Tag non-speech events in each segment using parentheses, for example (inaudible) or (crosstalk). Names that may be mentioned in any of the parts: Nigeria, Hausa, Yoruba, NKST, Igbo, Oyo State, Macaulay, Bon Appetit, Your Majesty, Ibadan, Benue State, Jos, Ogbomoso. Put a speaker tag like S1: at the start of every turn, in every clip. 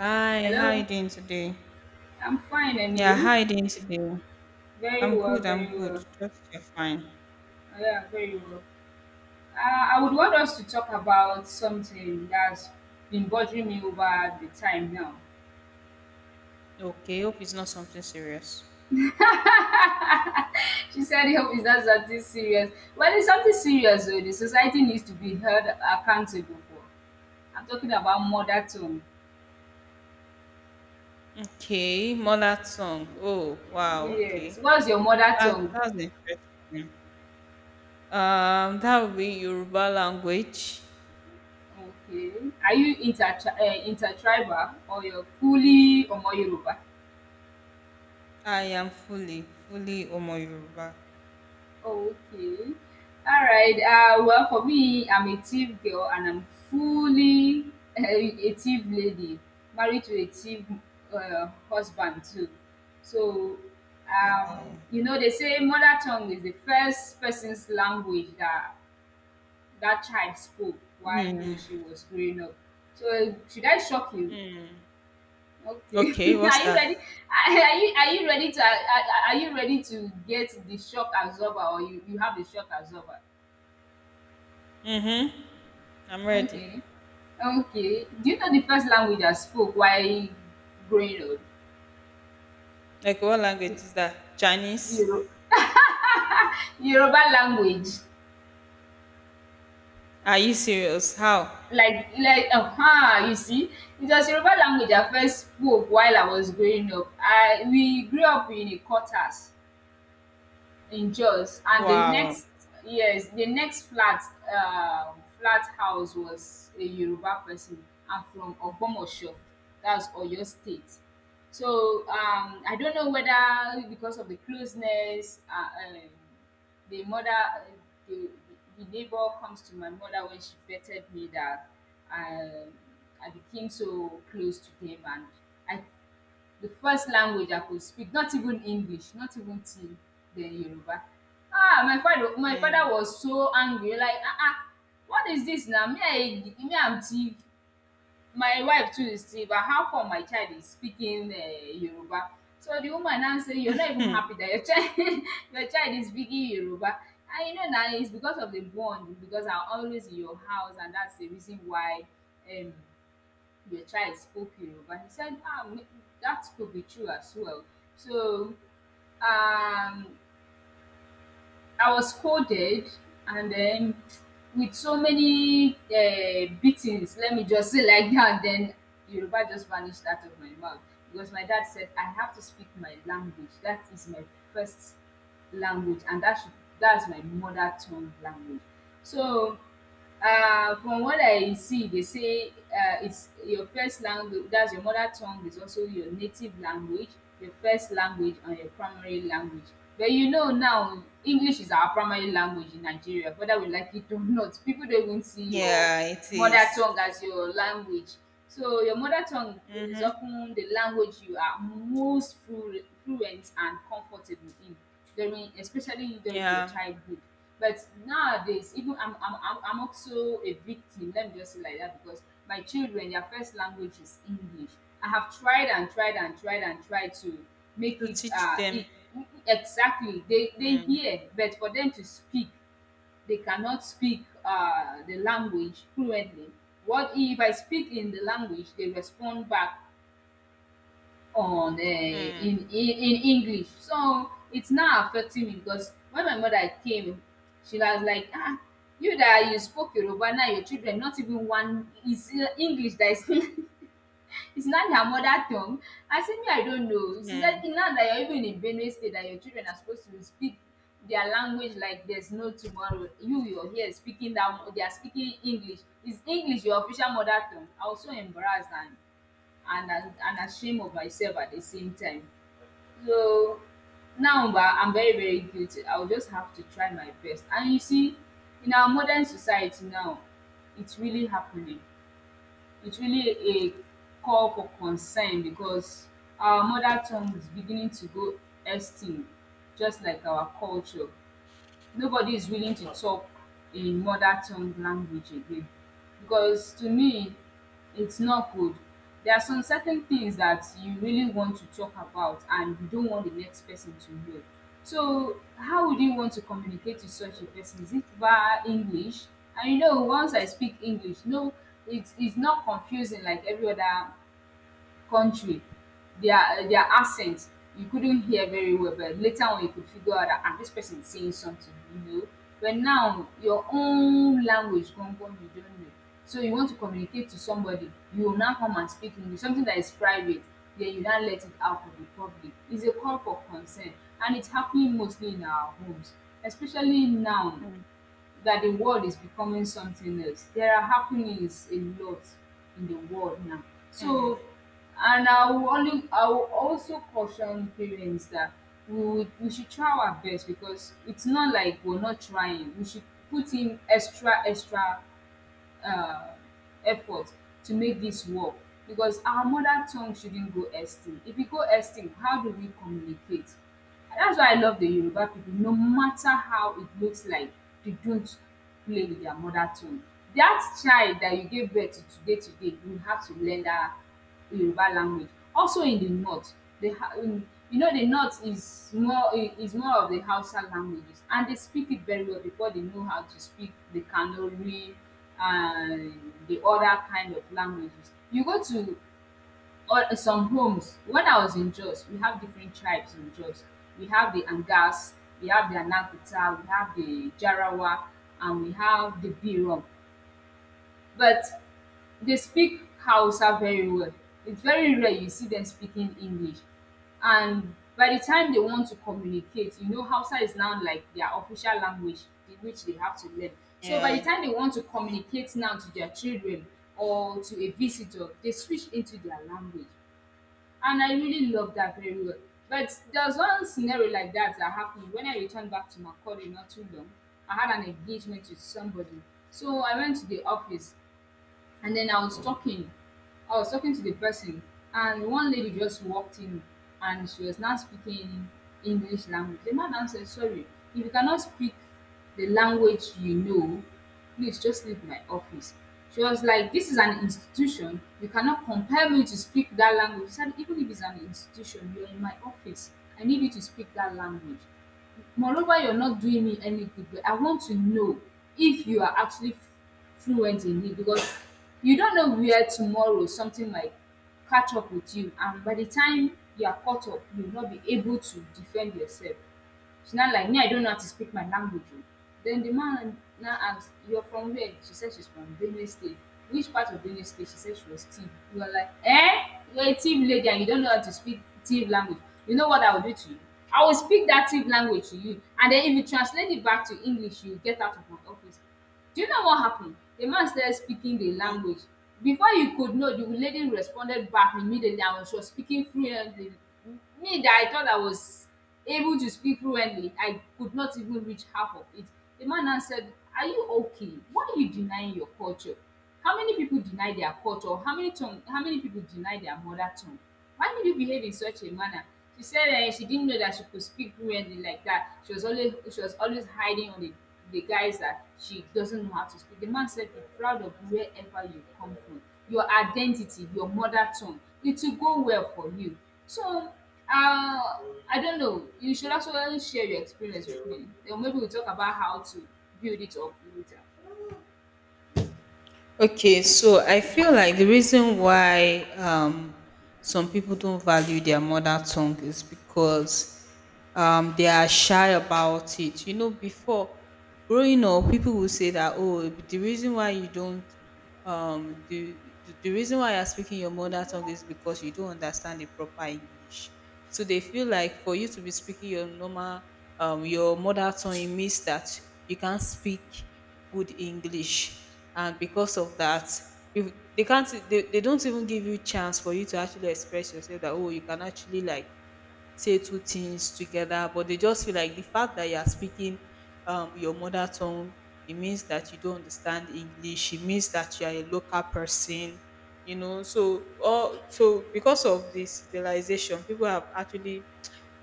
S1: Hi, how are you
S2: Hello,
S1: doing today?
S2: I'm fine, and
S1: Yeah, how are
S2: you?
S1: you doing today?
S2: Very
S1: I'm
S2: well,
S1: good,
S2: very
S1: I'm good.
S2: well.
S1: Just you're fine.
S2: Yeah, very
S1: Mm,
S2: well. Uh, I would want us to talk about something that's been bothering me over the time now.
S1: okay, hope it's not something serious.
S2: She said, "Hope it's not something serious." Well, it's something serious, though. The society needs to be held accountable for. I'm talking about mother tongue.
S1: Okay, Molat song. Oh, wow,
S2: Yes.
S1: okay.
S2: What's your mother
S1: That,
S2: tongue?
S1: that's interesting. That would be Yoruba language.
S2: Okay. Are you intertribal or you're fully Omo Yoruba?
S1: I am fully Omo Yoruba.
S2: Okay. All right. Well, for me, I'm a thief girl and I'm fully (laughs) a thief lady, married to a thief husband too. So,
S1: Wow.
S2: um, you know, they say mother tongue is the first person's language that that child spoke while he or
S1: Mm,
S2: she was growing up. So, should I shock you?
S1: mm.
S2: Okay. (laughs)
S1: Okay, what's
S2: Are you ready?
S1: that?
S2: Are you ready to Are you ready to get the shock absorber, or you have the shock absorber?
S1: Mm-hmm. I'm ready.
S2: Okay. Okay. Do you know the first language I spoke while growing up?
S1: Like, what language is that? Chinese?
S2: Yoru Yoruba language.
S1: Are you serious? How?
S2: Like, you see, it was Yoruba language I first spoke while I was growing up. I we grew up in a quarters in Jos, and the
S1: Wow.
S2: next, yes, the next flat house was a Yoruba person and from Ogbomoso, that's Oyo State. So, I don't know whether because of the closeness, um the mother the the neighbor comes to my mother when she vetted me that I I became so close to them, and I the first language I could speak, not even English, not even till then, Yoruba. Ah, my father my
S1: Mm.
S2: father was so angry, like, what is this now? Me I, me am Tiv, my wife too is Tiv, and how come my child is speaking Yoruba? So the woman now say, you are not even
S1: Hmm.
S2: happy that your child (laughs) your child is speaking Yoruba, and you know na, it's because of the bond because I'm always in your house, and that's the reason why um your child spoke Yoruba. He said, ah, that could be true as well. So um, I was scolded, and then with so many beatings, let me just say like that, then Yoruba just vanished out of my mouth because my dad said, I have to speak my language. That is my first language, and that's my mother tongue language. So, from what I see, they say, it's your first language, that's your mother tongue, is also your native language, your first language and your primary language. But you know, now English is our primary language in Nigeria, whether we like it or not. People don't even see your
S1: Yeah, it
S2: mother
S1: is.
S2: tongue as your language. So your mother tongue is
S1: Mm-hmm.
S2: often the language you are most fluent and comfortable in during, especially during, your
S1: Yeah,
S2: childhood. But nowadays, even I'm also a victim. Let me just say like that, because my children, their first language is English. I have tried and tried and tried and tried to make
S1: to
S2: it,
S1: teach them.
S2: exactly, they
S1: Mm.
S2: hear, but for them to speak, they cannot speak the language fluently. What if I speak in the language, they respond back on eh,
S1: Mm.
S2: in English. So it's now affecting me, because when my mother came, she was like, "Ah, you that you spoke Yoruba, now your children, not even one is, English, that is (laughs) it's not their mother tongue." I said, "Me, I don't know." She said,
S1: Mm.
S2: "Now that you're even in Benue State, that your children are supposed to speak their language like there's no tomorrow. You, you're here speaking that they are speaking English. Is English your official mother tongue?" I was so embarrassed and I and ashamed of myself at the same time. So now, bah, I'm very, very guilty. I'll just have to try my best. And you see, in our modern society now, it's really happening. It's really a call for concern because our mother tongue is beginning to go extinct, just like our culture. Nobody is willing to talk in mother tongue language again, because to me, it's not good. There are some certain things that you really want to talk about and you don't want the next person to know. So how would you want to communicate to such a person? Is it via English? And you know, once I speak English, no, it's not confusing. Like every other country, their accent, you couldn't hear very well, but later on you could figure out that, ah, this person is saying something, you know. But now your own language, Gongon, you don't know. So you want to communicate to somebody, you will now come and speak English, something that is private, then you now let it out for the public. It's a call for concern, and it's happening mostly in our homes, especially now that the world is becoming something else. There are happenings a lot in the world now.
S1: Mm.
S2: So, and I will, only, I will also caution parents that we, would, we should try our best, because it's not like we're not trying. We should put in extra, extra uh, effort to make this work, because our mother tongue shouldn't go extinct. If it go extinct, how do we communicate? That's why I love the Yoruba people. No matter how it looks like, they don't play with their mother tongue. That child that you gave birth to today, today, you have to learn that Yoruba language. Also in the north, in, you know, the north is more of the Hausa languages, and they speak it very well because they know how to speak the Kanuri and the other kind of languages. You go to some homes. When I was in Jos, we have different tribes in Jos. We have the Angas, we have the Anakuta, we have the Jarawa, and we have the Birom, but they speak Hausa very well. It's very rare you see them speaking English. And by the time they want to communicate, you know, Hausa is now like their official language, which they have to learn. So by
S1: Yeah.
S2: the time they want to communicate now to their children or to a visitor, they switch into their language. And I really love that very well. But there's one scenario like that that happened when I returned back to Macaulay not too long. I had an engagement with somebody. So I went to the office, and then I was talking to the person, and one lady just walked in, and she was now speaking English language. The man now said, "Sorry, if you cannot speak the language you know, please just leave my office." She was like, "This is an institution. You cannot compel me to speak that language." She said, "Even if it's an institution, you're in my office. I need you to speak that language. Moreover, you're not doing me any good, but I want to know if you are actually fluent in it, because you don't know where tomorrow something might catch up with you, and by the time you are caught up, you will not be able to defend yourself." She now like, "Me, I don't know how to speak my language, oh." Then the man now asked, "You're from where?" She said she's from Benue State. "Which part of Benue State?" She said she was Tiv. He was like, "Eh? You're a Tiv lady and you don't know how to speak Tiv language. You know what I will do to you? I will speak that Tiv language to you. And then if you translate it back to English, you'll get out of my office." Do you know what happened? The man started speaking the language. Before you could know, the lady responded back immediately and she was speaking fluently. Me that I thought I was able to speak fluently, I could not even reach half of it. The man now said, "Are you okay? Why are you denying your culture? How many people deny their culture? How many tongue, how many people deny their mother tongue? Why did you behave in such a manner?" She said, eh, she didn't know that she could speak fluently like that. She was always hiding on the guys that she doesn't know how to speak. The man said, "Be proud of wherever you come from. Your identity, your mother tongue. It will go well for you." So, I don't know. You should actually share your experience with me. Then maybe we'll talk about how to build it up later.
S1: Okay, so I feel like the reason why some people don't value their mother tongue is because they are shy about it. You know, before growing up, people will say that, oh, the reason why you don't the reason why you're speaking your mother tongue is because you don't understand the proper english, so they feel like for you to be speaking your normal your mother tongue, it means that you can't speak good english. And because of that, if they can't, they don't even give you chance for you to actually express yourself, that oh, you can actually like say two things together, but they just feel like the fact that you are speaking your mother tongue, it means that you don't understand English. It means that you are a local person, you know. So, all so because of this civilization, people have actually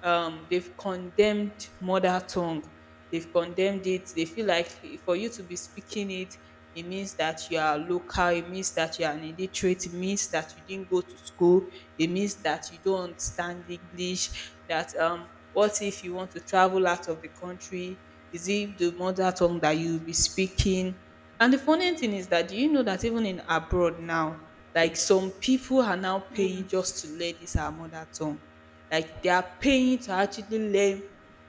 S1: they've condemned mother tongue. They've condemned it. They feel like for you to be speaking it, it means that you are local. It means that you are an illiterate. It means that you didn't go to school. It means that you don't understand English. That what if you want to travel out of the country? Is it the mother tongue that you'll be speaking? And the funny thing is that, do you know that even in abroad now, like some people are now paying
S2: Mm.
S1: just to learn this our mother tongue, like they are paying to actually learn,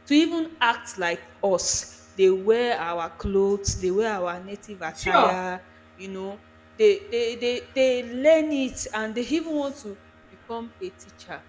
S1: to even act like us. They wear our clothes, they wear our native
S2: Sure.
S1: attire, you know. They learn it, and they even want to become a teacher.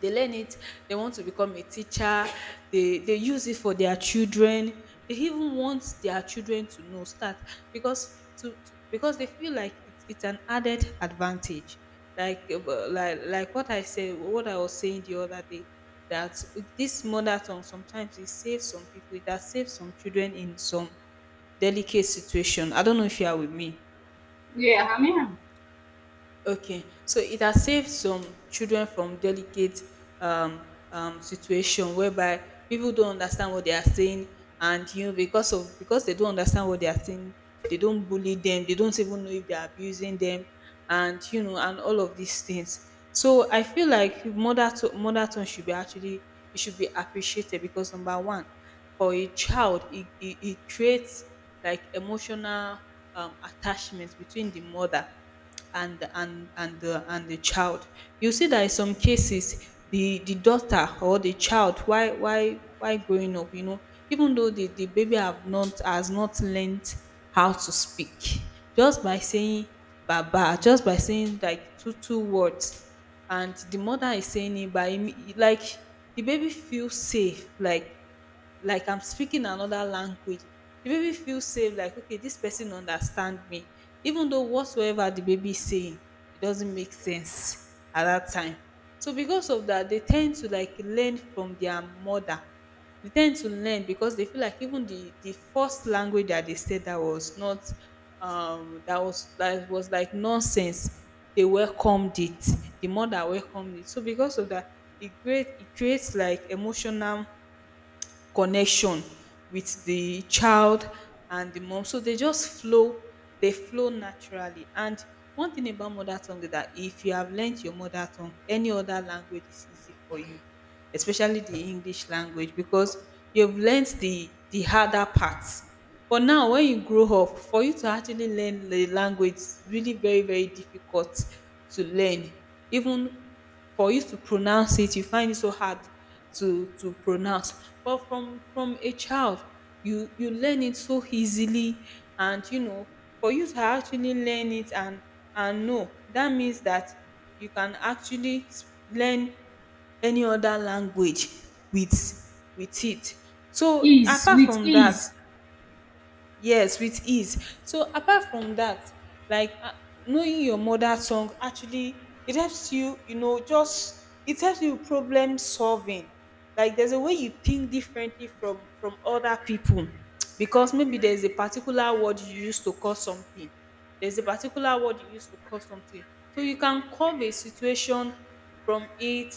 S1: They learn it, they want to become a teacher. They use it for their children. They even want their children to know, start, because to because they feel like it's an added advantage. Like like what I said, what I was saying the other day, that this mother tongue sometimes it saves some people. It has saved some children in some delicate situation. I don't know if you are with me.
S2: Yeah, I mean,
S1: Okay, so it has saved some children from delicate um, situation, whereby people don't understand what they are saying, and you know, because of, because they don't understand what they are saying, they don't bully them, they don't even know if they are abusing them, and you know, and all of these things. So I feel like mother, to mother tongue should be actually, it should be appreciated because number one, for a child, it creates like emotional attachment between the mother and the child. You see that in some cases, the daughter or the child, why growing up, you know, even though the baby have not has not learned how to speak, just by saying baba, just by saying like two, two words, and the mother is saying it by im- like, the baby feels safe, like I'm speaking another language. The baby feels safe, like, okay, this person understand me. Even though whatsoever the baby is saying, it doesn't make sense at that time. So because of that, they tend to like learn from their mother. They tend to learn because they feel like even the first language that they said that was not that was like nonsense, they welcomed it. The mother welcomed it. So because of that, it creates like emotional connection with the child and the mom. So they just flow, they flow naturally. And one thing about mother tongue is that if you have learnt your mother tongue, any other language is easy for you, especially the English language, because you've learned the harder parts. But now when you grow up, for you to actually learn the language is really very, very difficult to learn. Even for you to pronounce it, you find it so hard to pronounce. But from a child, you learn it so easily. And you know, for you to actually learn it and know, that means that you can actually s- learn any other language with with it. So
S2: ease
S1: apart
S2: with
S1: from that,
S2: ease.
S1: yes, with ease. So apart from that, like knowing your mother tongue actually, it helps you, you know, just it helps you problem solving. Like there's a way you think differently from other people, because maybe there's a particular word you use to call something. There's a particular word you use to call something. So you can curve a situation from it,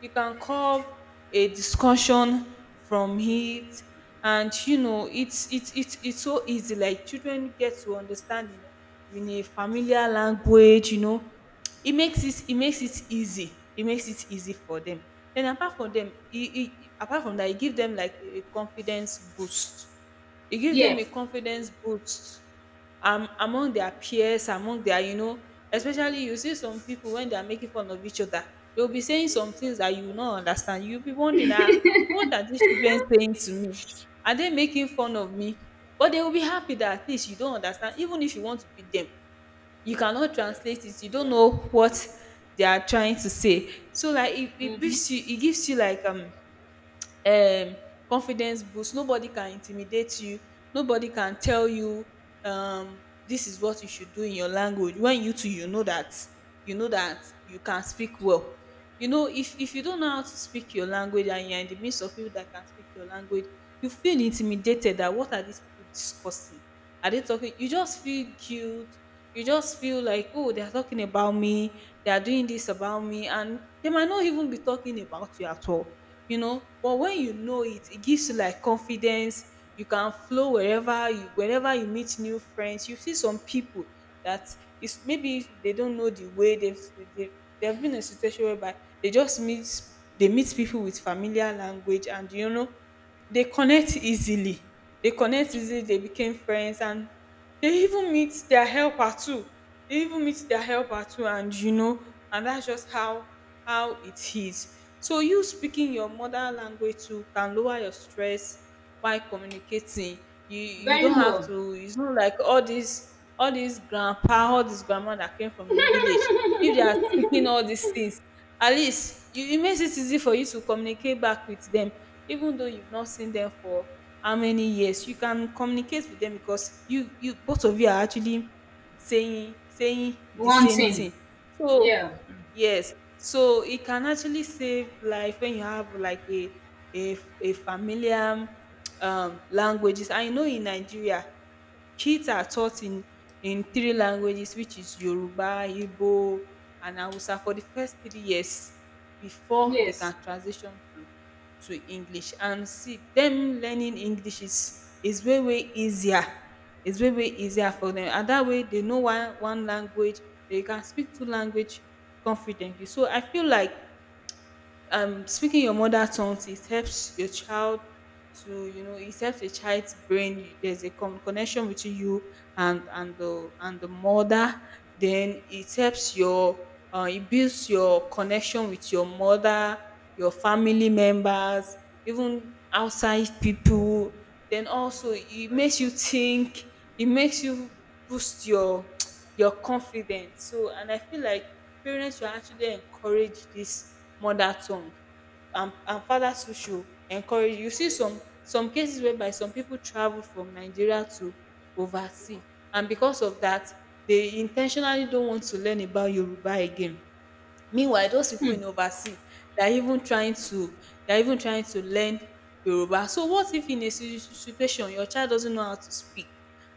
S1: you can curve a discussion from it. And you know, it's so easy. Like children get to understand in a familiar language, you know, it makes it easy. It makes it easy for them. Then apart from them, it apart from that it give them like a confidence boost. It gives them
S2: Yeah.
S1: a confidence boost among their peers, among their, you know, especially you see some people when they are making fun of each other, they'll be saying some things that you will not understand. You'll be wondering, ah, what are these children saying to me? Are they making fun of me? But they will be happy that at least you don't understand. Even if you want to beat them, you cannot translate it. You don't know what they are trying to say. So like it
S2: Mm-hmm.
S1: gives you, it gives you like um confidence boost. Nobody can intimidate you. Nobody can tell you this is what you should do in your language, when you too you know that, you know that you can speak well. You know, if you don't know how to speak your language and you're in the midst of people that can speak your language, you feel intimidated that what are these people discussing? Are they talking? You just feel guilt. You just feel like oh, they are talking about me. They are doing this about me. And they might not even be talking about you at all, you know. But when you know it, it gives you like confidence. You can flow wherever you, whenever you meet new friends. You see some people that is, maybe they don't know the way they've they, they've been in a situation whereby they just meet, they meet people with familiar language, and you know, they connect easily, they connect easily. They became friends, and they even meet their helper too. They even meet their helper too, and you know, and that's just how it is. So you speaking your mother language too can lower your stress while communicating. You
S2: Very
S1: don't have
S2: well.
S1: to. It's not like all these, all these grandpa, all these grandma that came from the village. If they are speaking all these things, at least you, it makes it easy for you to communicate back with them, even though you've not seen them for how many years. You can communicate with them because you both of you are actually saying the
S2: One
S1: same
S2: thing.
S1: thing. So
S2: Yeah.
S1: yes, so it can actually save life when you have like a familiar languages. I know in nigeria, kids are taught in three languages, which is Yoruba, Igbo and Hausa for the first 3 years before they
S2: Yes.
S1: can transition to English. And see, them learning English is way way easier. It's way way easier for them. And that way, they know one, one language, they can speak two language confidently. So I feel like speaking your mother tongue, it helps your child to, you know, it helps a child's brain. There's a con- connection between you and the mother. Then it helps your it builds your connection with your mother, your family members, even outside people. Then also it makes you think, it makes you boost your (tsk) your confidence. So, and I feel like parents should actually encourage dis mother tongue, and fathers too should encourage. You see some cases whereby some pipu travel from Nigeria to oversea, and because of dat, dey in ten tionally don't want to learn about Yoruba again. Meanwhile, those pipu
S2: Hmm.
S1: in oversea, they are even trying to they are even trying to learn Yoruba. So what if in a situation your child doesn't know how to speak?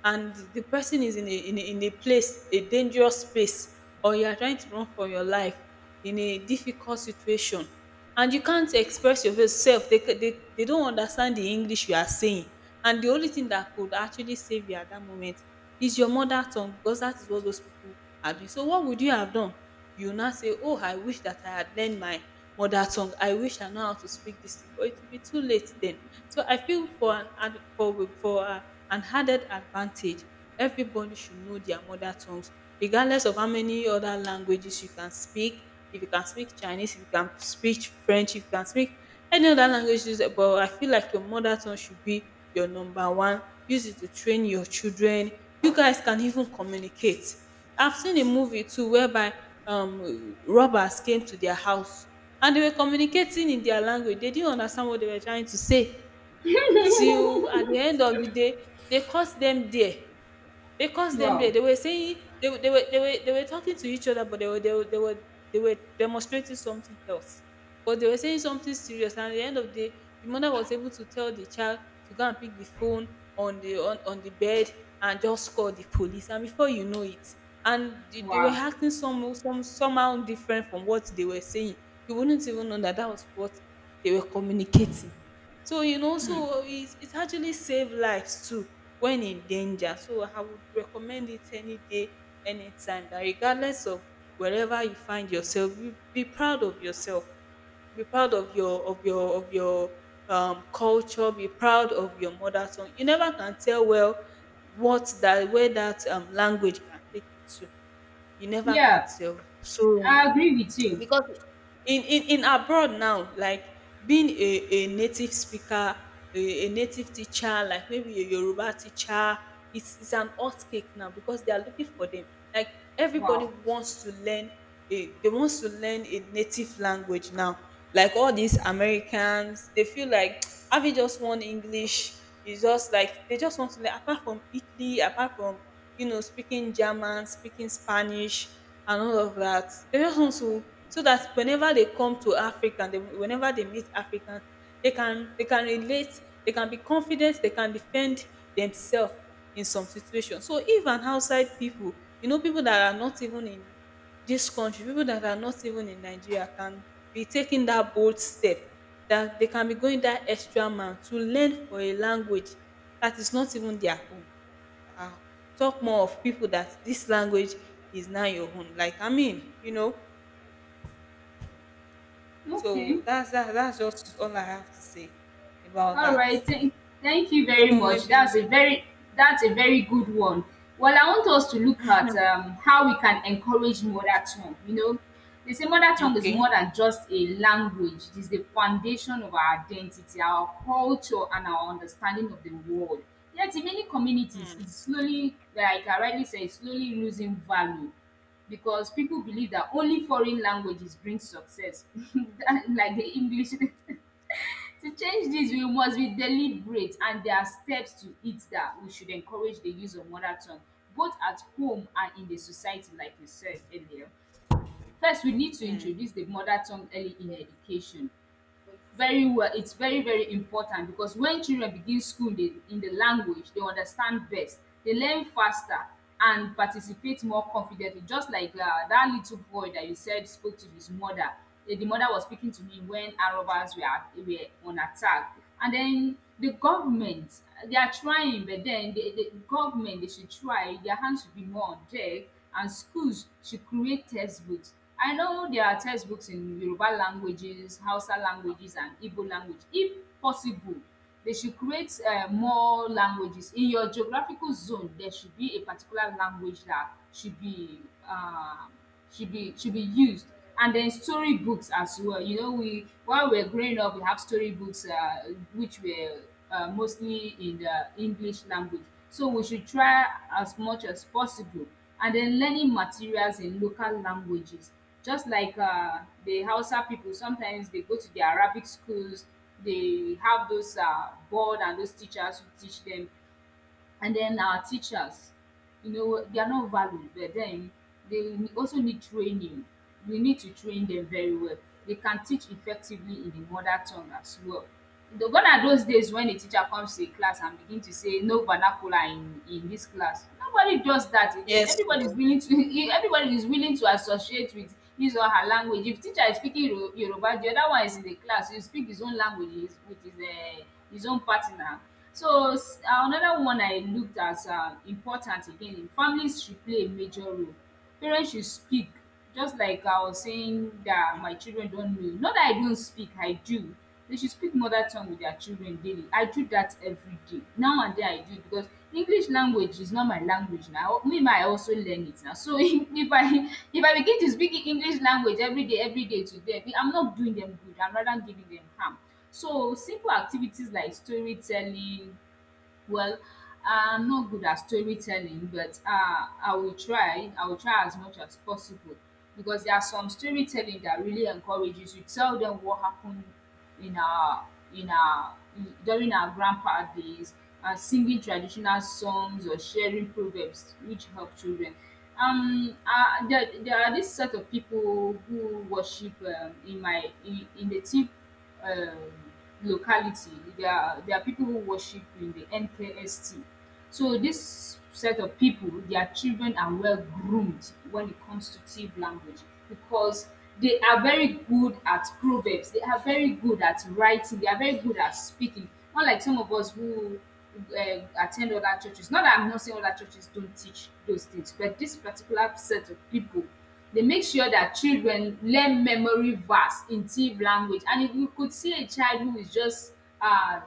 S1: And the person is in a place, a dangerous place, or you are trying to run for your life in a difficult situation, and you can't express yourself, they don't understand the english you are saying, and the only thing that could actually save you at that moment is your mother tongue, because that is what those people are doing. So what would you have done? You now say, oh, I wish that I had learned my mother tongue, I wish I know how to speak this thing, but it will be too late then. So I feel for an ad for a an added advantage, everybody should know their mother tongues regardless of how many other languages you can speak. If you can speak Chinese, if you can speak French, if you can speak any other languages, but I feel like your mother tongue should be your number one. Use it to train your children. You guys can even communicate. I've seen a movie too whereby robbers came to their house and they were communicating in their language. They didn't understand what they were trying to say, till at di end of di day dey cause dem dia. Because them they,
S2: Wow.
S1: they were saying, they were talking to each other, but they were they were demonstrating something else. But they were saying something serious, and at the end of the day, the mother was able to tell the child to go and pick the phone on on the bed and just call the police. And before you know it, they were
S2: Wow.
S1: acting some somehow different from what they were saying. You wouldn't even know that that was what they were communicating. So
S2: Hmm.
S1: so it actually saved lives too when in danger. So I would recommend it any day, anytime. That regardless of wherever you find yourself, be proud of yourself. Be proud of your of your of your culture. Be proud of your mother tongue. You never can tell well what that language can take you to. You never can
S2: Yeah.
S1: tell. So
S2: I agree with you.
S1: in abroad now, like being a native speaker, a native teacher, like maybe a yoruba teacher, it's an hot cake now because they are looking for them, like everybody
S2: Wow.
S1: wants to learn a they wants to learn a native language now, like all these americans, they feel like (tsk) having just one english is just like, they just want to learn apart from italy, apart from speaking German, speaking Spanish, and all of that. They just want to, so that whenever they come to Africa, whenever they meet Africans, they can relate, they can be confident, they can defend themselves in some situations. So even outside people, people that are not even in this country, people that are not even in Nigeria can be taking that bold step, that they can be going that extra mile to learn for a language that is not even their own, uh, talk more of people that this language is now your own. Like I mean. So
S2: Okay.
S1: that's that's just all I have to say about
S2: All
S1: that.
S2: right, thank you
S1: Don't
S2: very
S1: know,
S2: much. That's
S1: maybe
S2: a very that's a very good one. Well, I want us to look at how we can encourage mother tongue. You know, they say mother tongue is more
S1: okay.
S2: than just a language. It is the foundation of our identity, our culture, and our understanding of the world. Yet, in many communities, it's slowly, like I rightly said, it's slowly losing value because people believe that only foreign languages bring success. (laughs) Like the English. (laughs) To change this, we must be deliberate, and there are steps to it that we should encourage the use of mother tongue both at home and in the society, like you said earlier. First, we need to
S1: Mm.
S2: introduce the mother tongue early in education, very well. It's very very important because when children begin school in the language they understand best, they learn faster and participate more confidently, just like that little boy that you said spoke to his mother. Eh, the mother was speaking to him when Arab were on attack. And then the government, they are trying, but then the government, they should try, their hands should be more on deck. And schools should create textbooks. I know there are textbooks in Yoruba languages, Hausa languages, and Igbo language. If possible, they should create more languages. In your geographical zone, there should be a particular language that should be uh, should be used. And then story books as well. You know, we while we are growing up, we have story books which were mostly in the English language. So we should try as much as possible, and then learning materials in local languages, just like the Hausa people sometimes they go to the Arabic schools, they have those board and those teachers who teach them. And then our teachers, you know, they are not valued, but then they also need training. We need to train them very well. They can teach effectively in the mother tongue as well. Though gone are those days when a teacher comes to a class and begin to say no vernacular in this class. Nobody does that again.
S1: Yes.
S2: Everybody is
S1: So,
S2: willing to (laughs) everybody is willing to associate with use all her language. If teacher is speaking Yoruba, the other one is in the class, he'll speak his own language with his his own partner. So another one I looked as important again, families should play a major role. Parents should speak, just like I was saying, that
S1: mm,
S2: my children don't know. Not that I don't speak, I do. They should speak mother tongue with their children daily. I do that every day. Now and then I do it, because English language is not my language now. Me, ma, I also learn it now. So (laughs) if I begin to speak English language every day to them, I'm not doing them good. I'm rather giving them harm. So simple activities like storytelling, well, uh, I'm not good at storytelling, but I will try. I will try as much as possible, because there are some storytelling that really encourages you. Tell them what happened in our during our grandpa days, singing traditional songs or sharing proverbs which help children. There are this set of people who worship in my in the team um, locality. There are They are people who worship in the NKST. So this set of people, their children are well groomed when it comes to Tiv language because they are very good at proverbs. They are very good at writing. They are very good at speaking. Not like some of us who attend other churches. Not that I'm not saying other churches don't teach those things, but this particular set of people, they make sure that children learn memory verse in Tiv language. And if you could see a child who is just um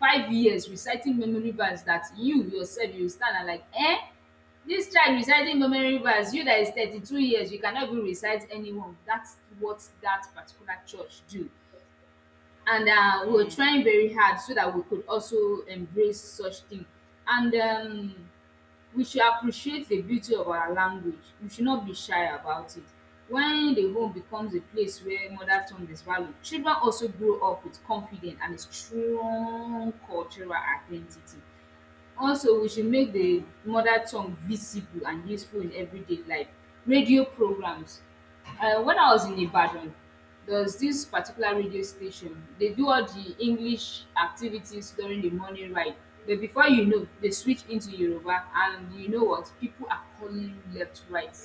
S2: 5 years reciting memory verse, that you yourself you stand and like eh, this child reciting memory verse, you that is 32 years, you cannot even recite any one. That's what that particular church do. And we were
S1: mm,
S2: trying very hard so that we could also embrace such thing. And we should appreciate the beauty of our language. We should not be shy about it. When the home becomes a place where mother tongue is valued, children also grow up with confidence and a strong cultural identity. Also, we should make the
S1: mm.
S2: mother tongue visible and useful in everyday life. Radio programs. When I was in Ibadan, there was this particular radio station. They do all the English activities during the morning ride. But before you know, they switch into Yoruba, and you know what? People are calling left, right,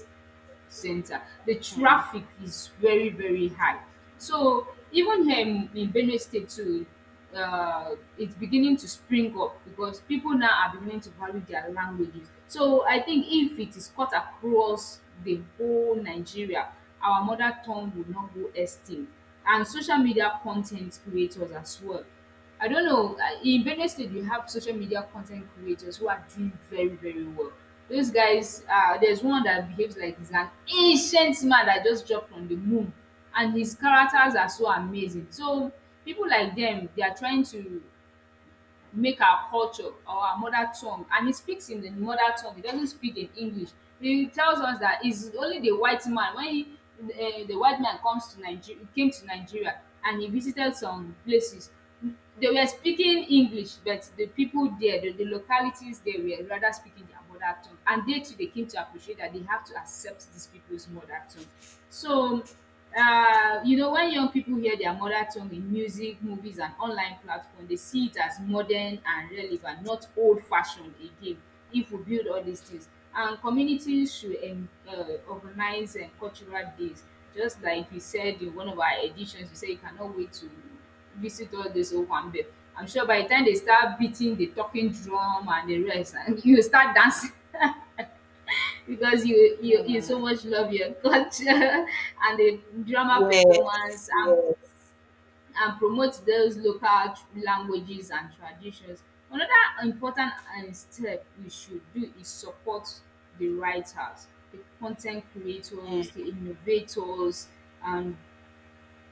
S2: center. The traffic is very, very high. So even here in Benue State too, it's beginning to spring up because people now are beginning to value their languages. So I think if it is cut across the whole Nigeria, our mother tongue would not go extinct. And social media content creators as well. I don't know. In Benue State, you have social media content creators who are doing very, very well. Those guys, there's one that behaves like he's an ancient man that just dropped from the moon, and his characters are so amazing. So people like them, they are trying to make our culture or our mother tongue. And he speaks in the mother tongue, he doesn't speak in English. He tells us that it's only the white man when he the white man comes to nigeria came to Nigeria and he visited some places, they were speaking English, but the people there, the localities, they were rather speaking their mother tongue. And they too, they came to appreciate that they have to accept these people's mother tongue. So you know, when young people hear their mother tongue in music, movies, and online platform, they see it as modern and relevant, not old fashioned again. If we build all these things, and communities should organize cultural days, just like you said in one of our editions, you said you cannot wait to visit all this owambe. I'm sure by the time they start beating the talking drum and the rest, (laughs) and you will start dancing, because you so much love your (laughs) culture, and the drama
S1: Yes.
S2: performance,
S1: Yes.
S2: and promote those local languages and traditions. Another important step we should do is support the writers, the content creators, the innovators, and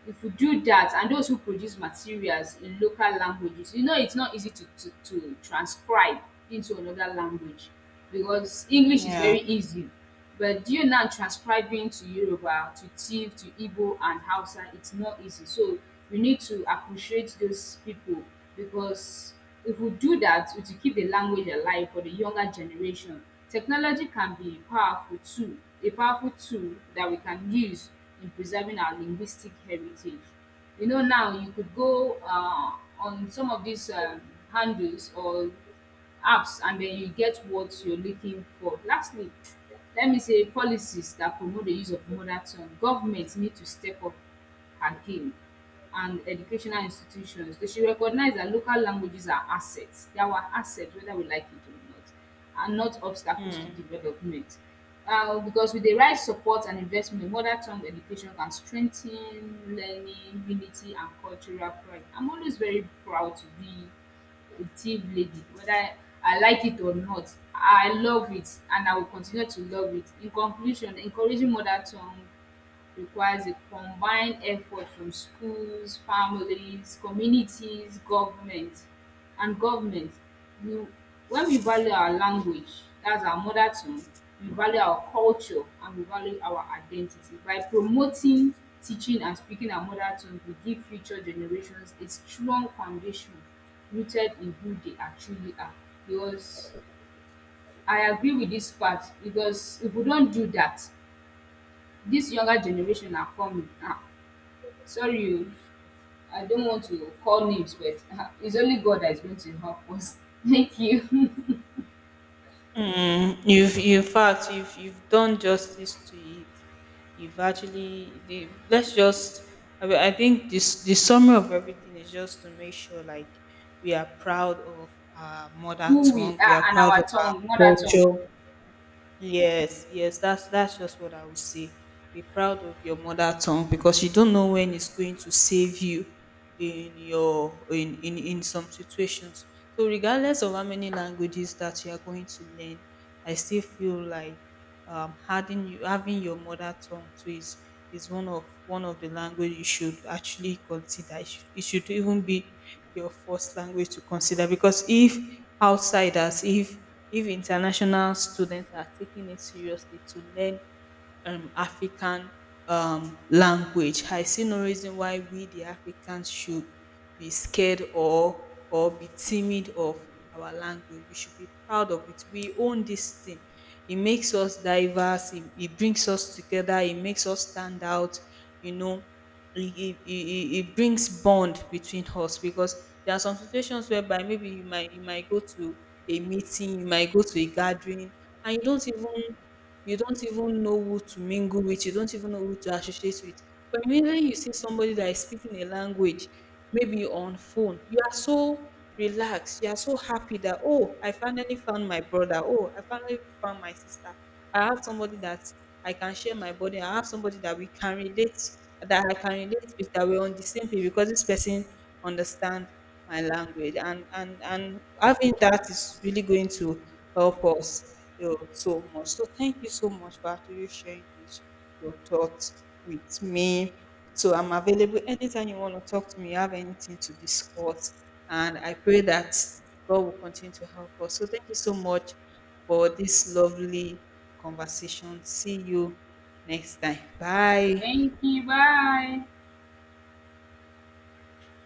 S2: if we do that and those who produce materials in local languages. You know, it's not easy to to transcribe into another language, because English is
S1: Yeah.
S2: very easy. But you now transcribing to Yoruba, to Tiv, to Igbo and Hausa, it's not easy. So we need to appreciate those people, because if we do that, we will keep the language alive for the younger generation. Technology can be a powerful tool that we can use in preserving our linguistic heritage. You know, now you could go on some of these handles or apps and then you get what you're looking for. Lastly, let me say policies that promote the use of mother tongue. Government need to step up her game, and educational institutions. They should recognize that local languages are assets. They are our assets whether we like it or not, and not obstacles to development. Because with the right support and investment, mother tongue education can strengthen learning, unity, and cultural pride. I'm always very proud to be a tea lady, whether I like it or not. I love it and I will continue to love it. In conclusion, encouraging mother tongue requires a combined effort from schools, families, communities, government and government. We, when we value our language, that's our mother tongue, we value our culture and we value our identity. By promoting, teaching and speaking our mother tongue, we give future generations a strong foundation rooted in who they actually are. Because I agree with this part, because if we don't do that, this younger generation are coming. Are Sorry, I don't want to call names, but it's only God that is going to help us. (laughs) Thank you.
S1: Mm, you've, in fact, you've done justice to it. You've actually, the, let's just. I mean, I think this the summary of everything is just to make sure like we are proud of our mother
S2: Who we
S1: tongue. We are
S2: are and
S1: proud
S2: our
S1: of our
S2: tongue, mother tongue.
S1: culture. Yes, yes, that's just what I would say. Be proud of your mother tongue because you don't know when it's going to save you in in some situations. So regardless of how many languages that you are going to learn, I still feel like adding you having your mother tongue to is one of the language you should actually consider. It it should even be your first language to consider, because if outsiders, if if international students are taking it seriously to learn African language, I see no reason why we, the Africans, should be scared or be timid of our language. We should be proud of it. We own this thing. It makes us diverse. It brings us together. It makes us stand out. You know, it brings bond between us, because there are some situations whereby maybe you might go to a meeting, you might go to a gathering, and you don't even know who to mingle with, you don't even know who to associate with. But immediately you see somebody that is speaking a language, maybe on phone, you are so relaxed, you are so happy that, oh, I finally found my brother, oh, I finally found my sister. I have somebody that I can share my body, I have somebody that we can relate, that I can relate with, that we're on the same page, because this person understand my language, and having that is really going to help us, you know, so much. So thank you so much for actually sharing this your thoughts with me. So I'm available anytime you want to talk to me, you have anything to discuss, and I pray that god will continue to help us. So thank you so much for this lovely conversation. See you next time, bye.
S2: Thank you. Bye.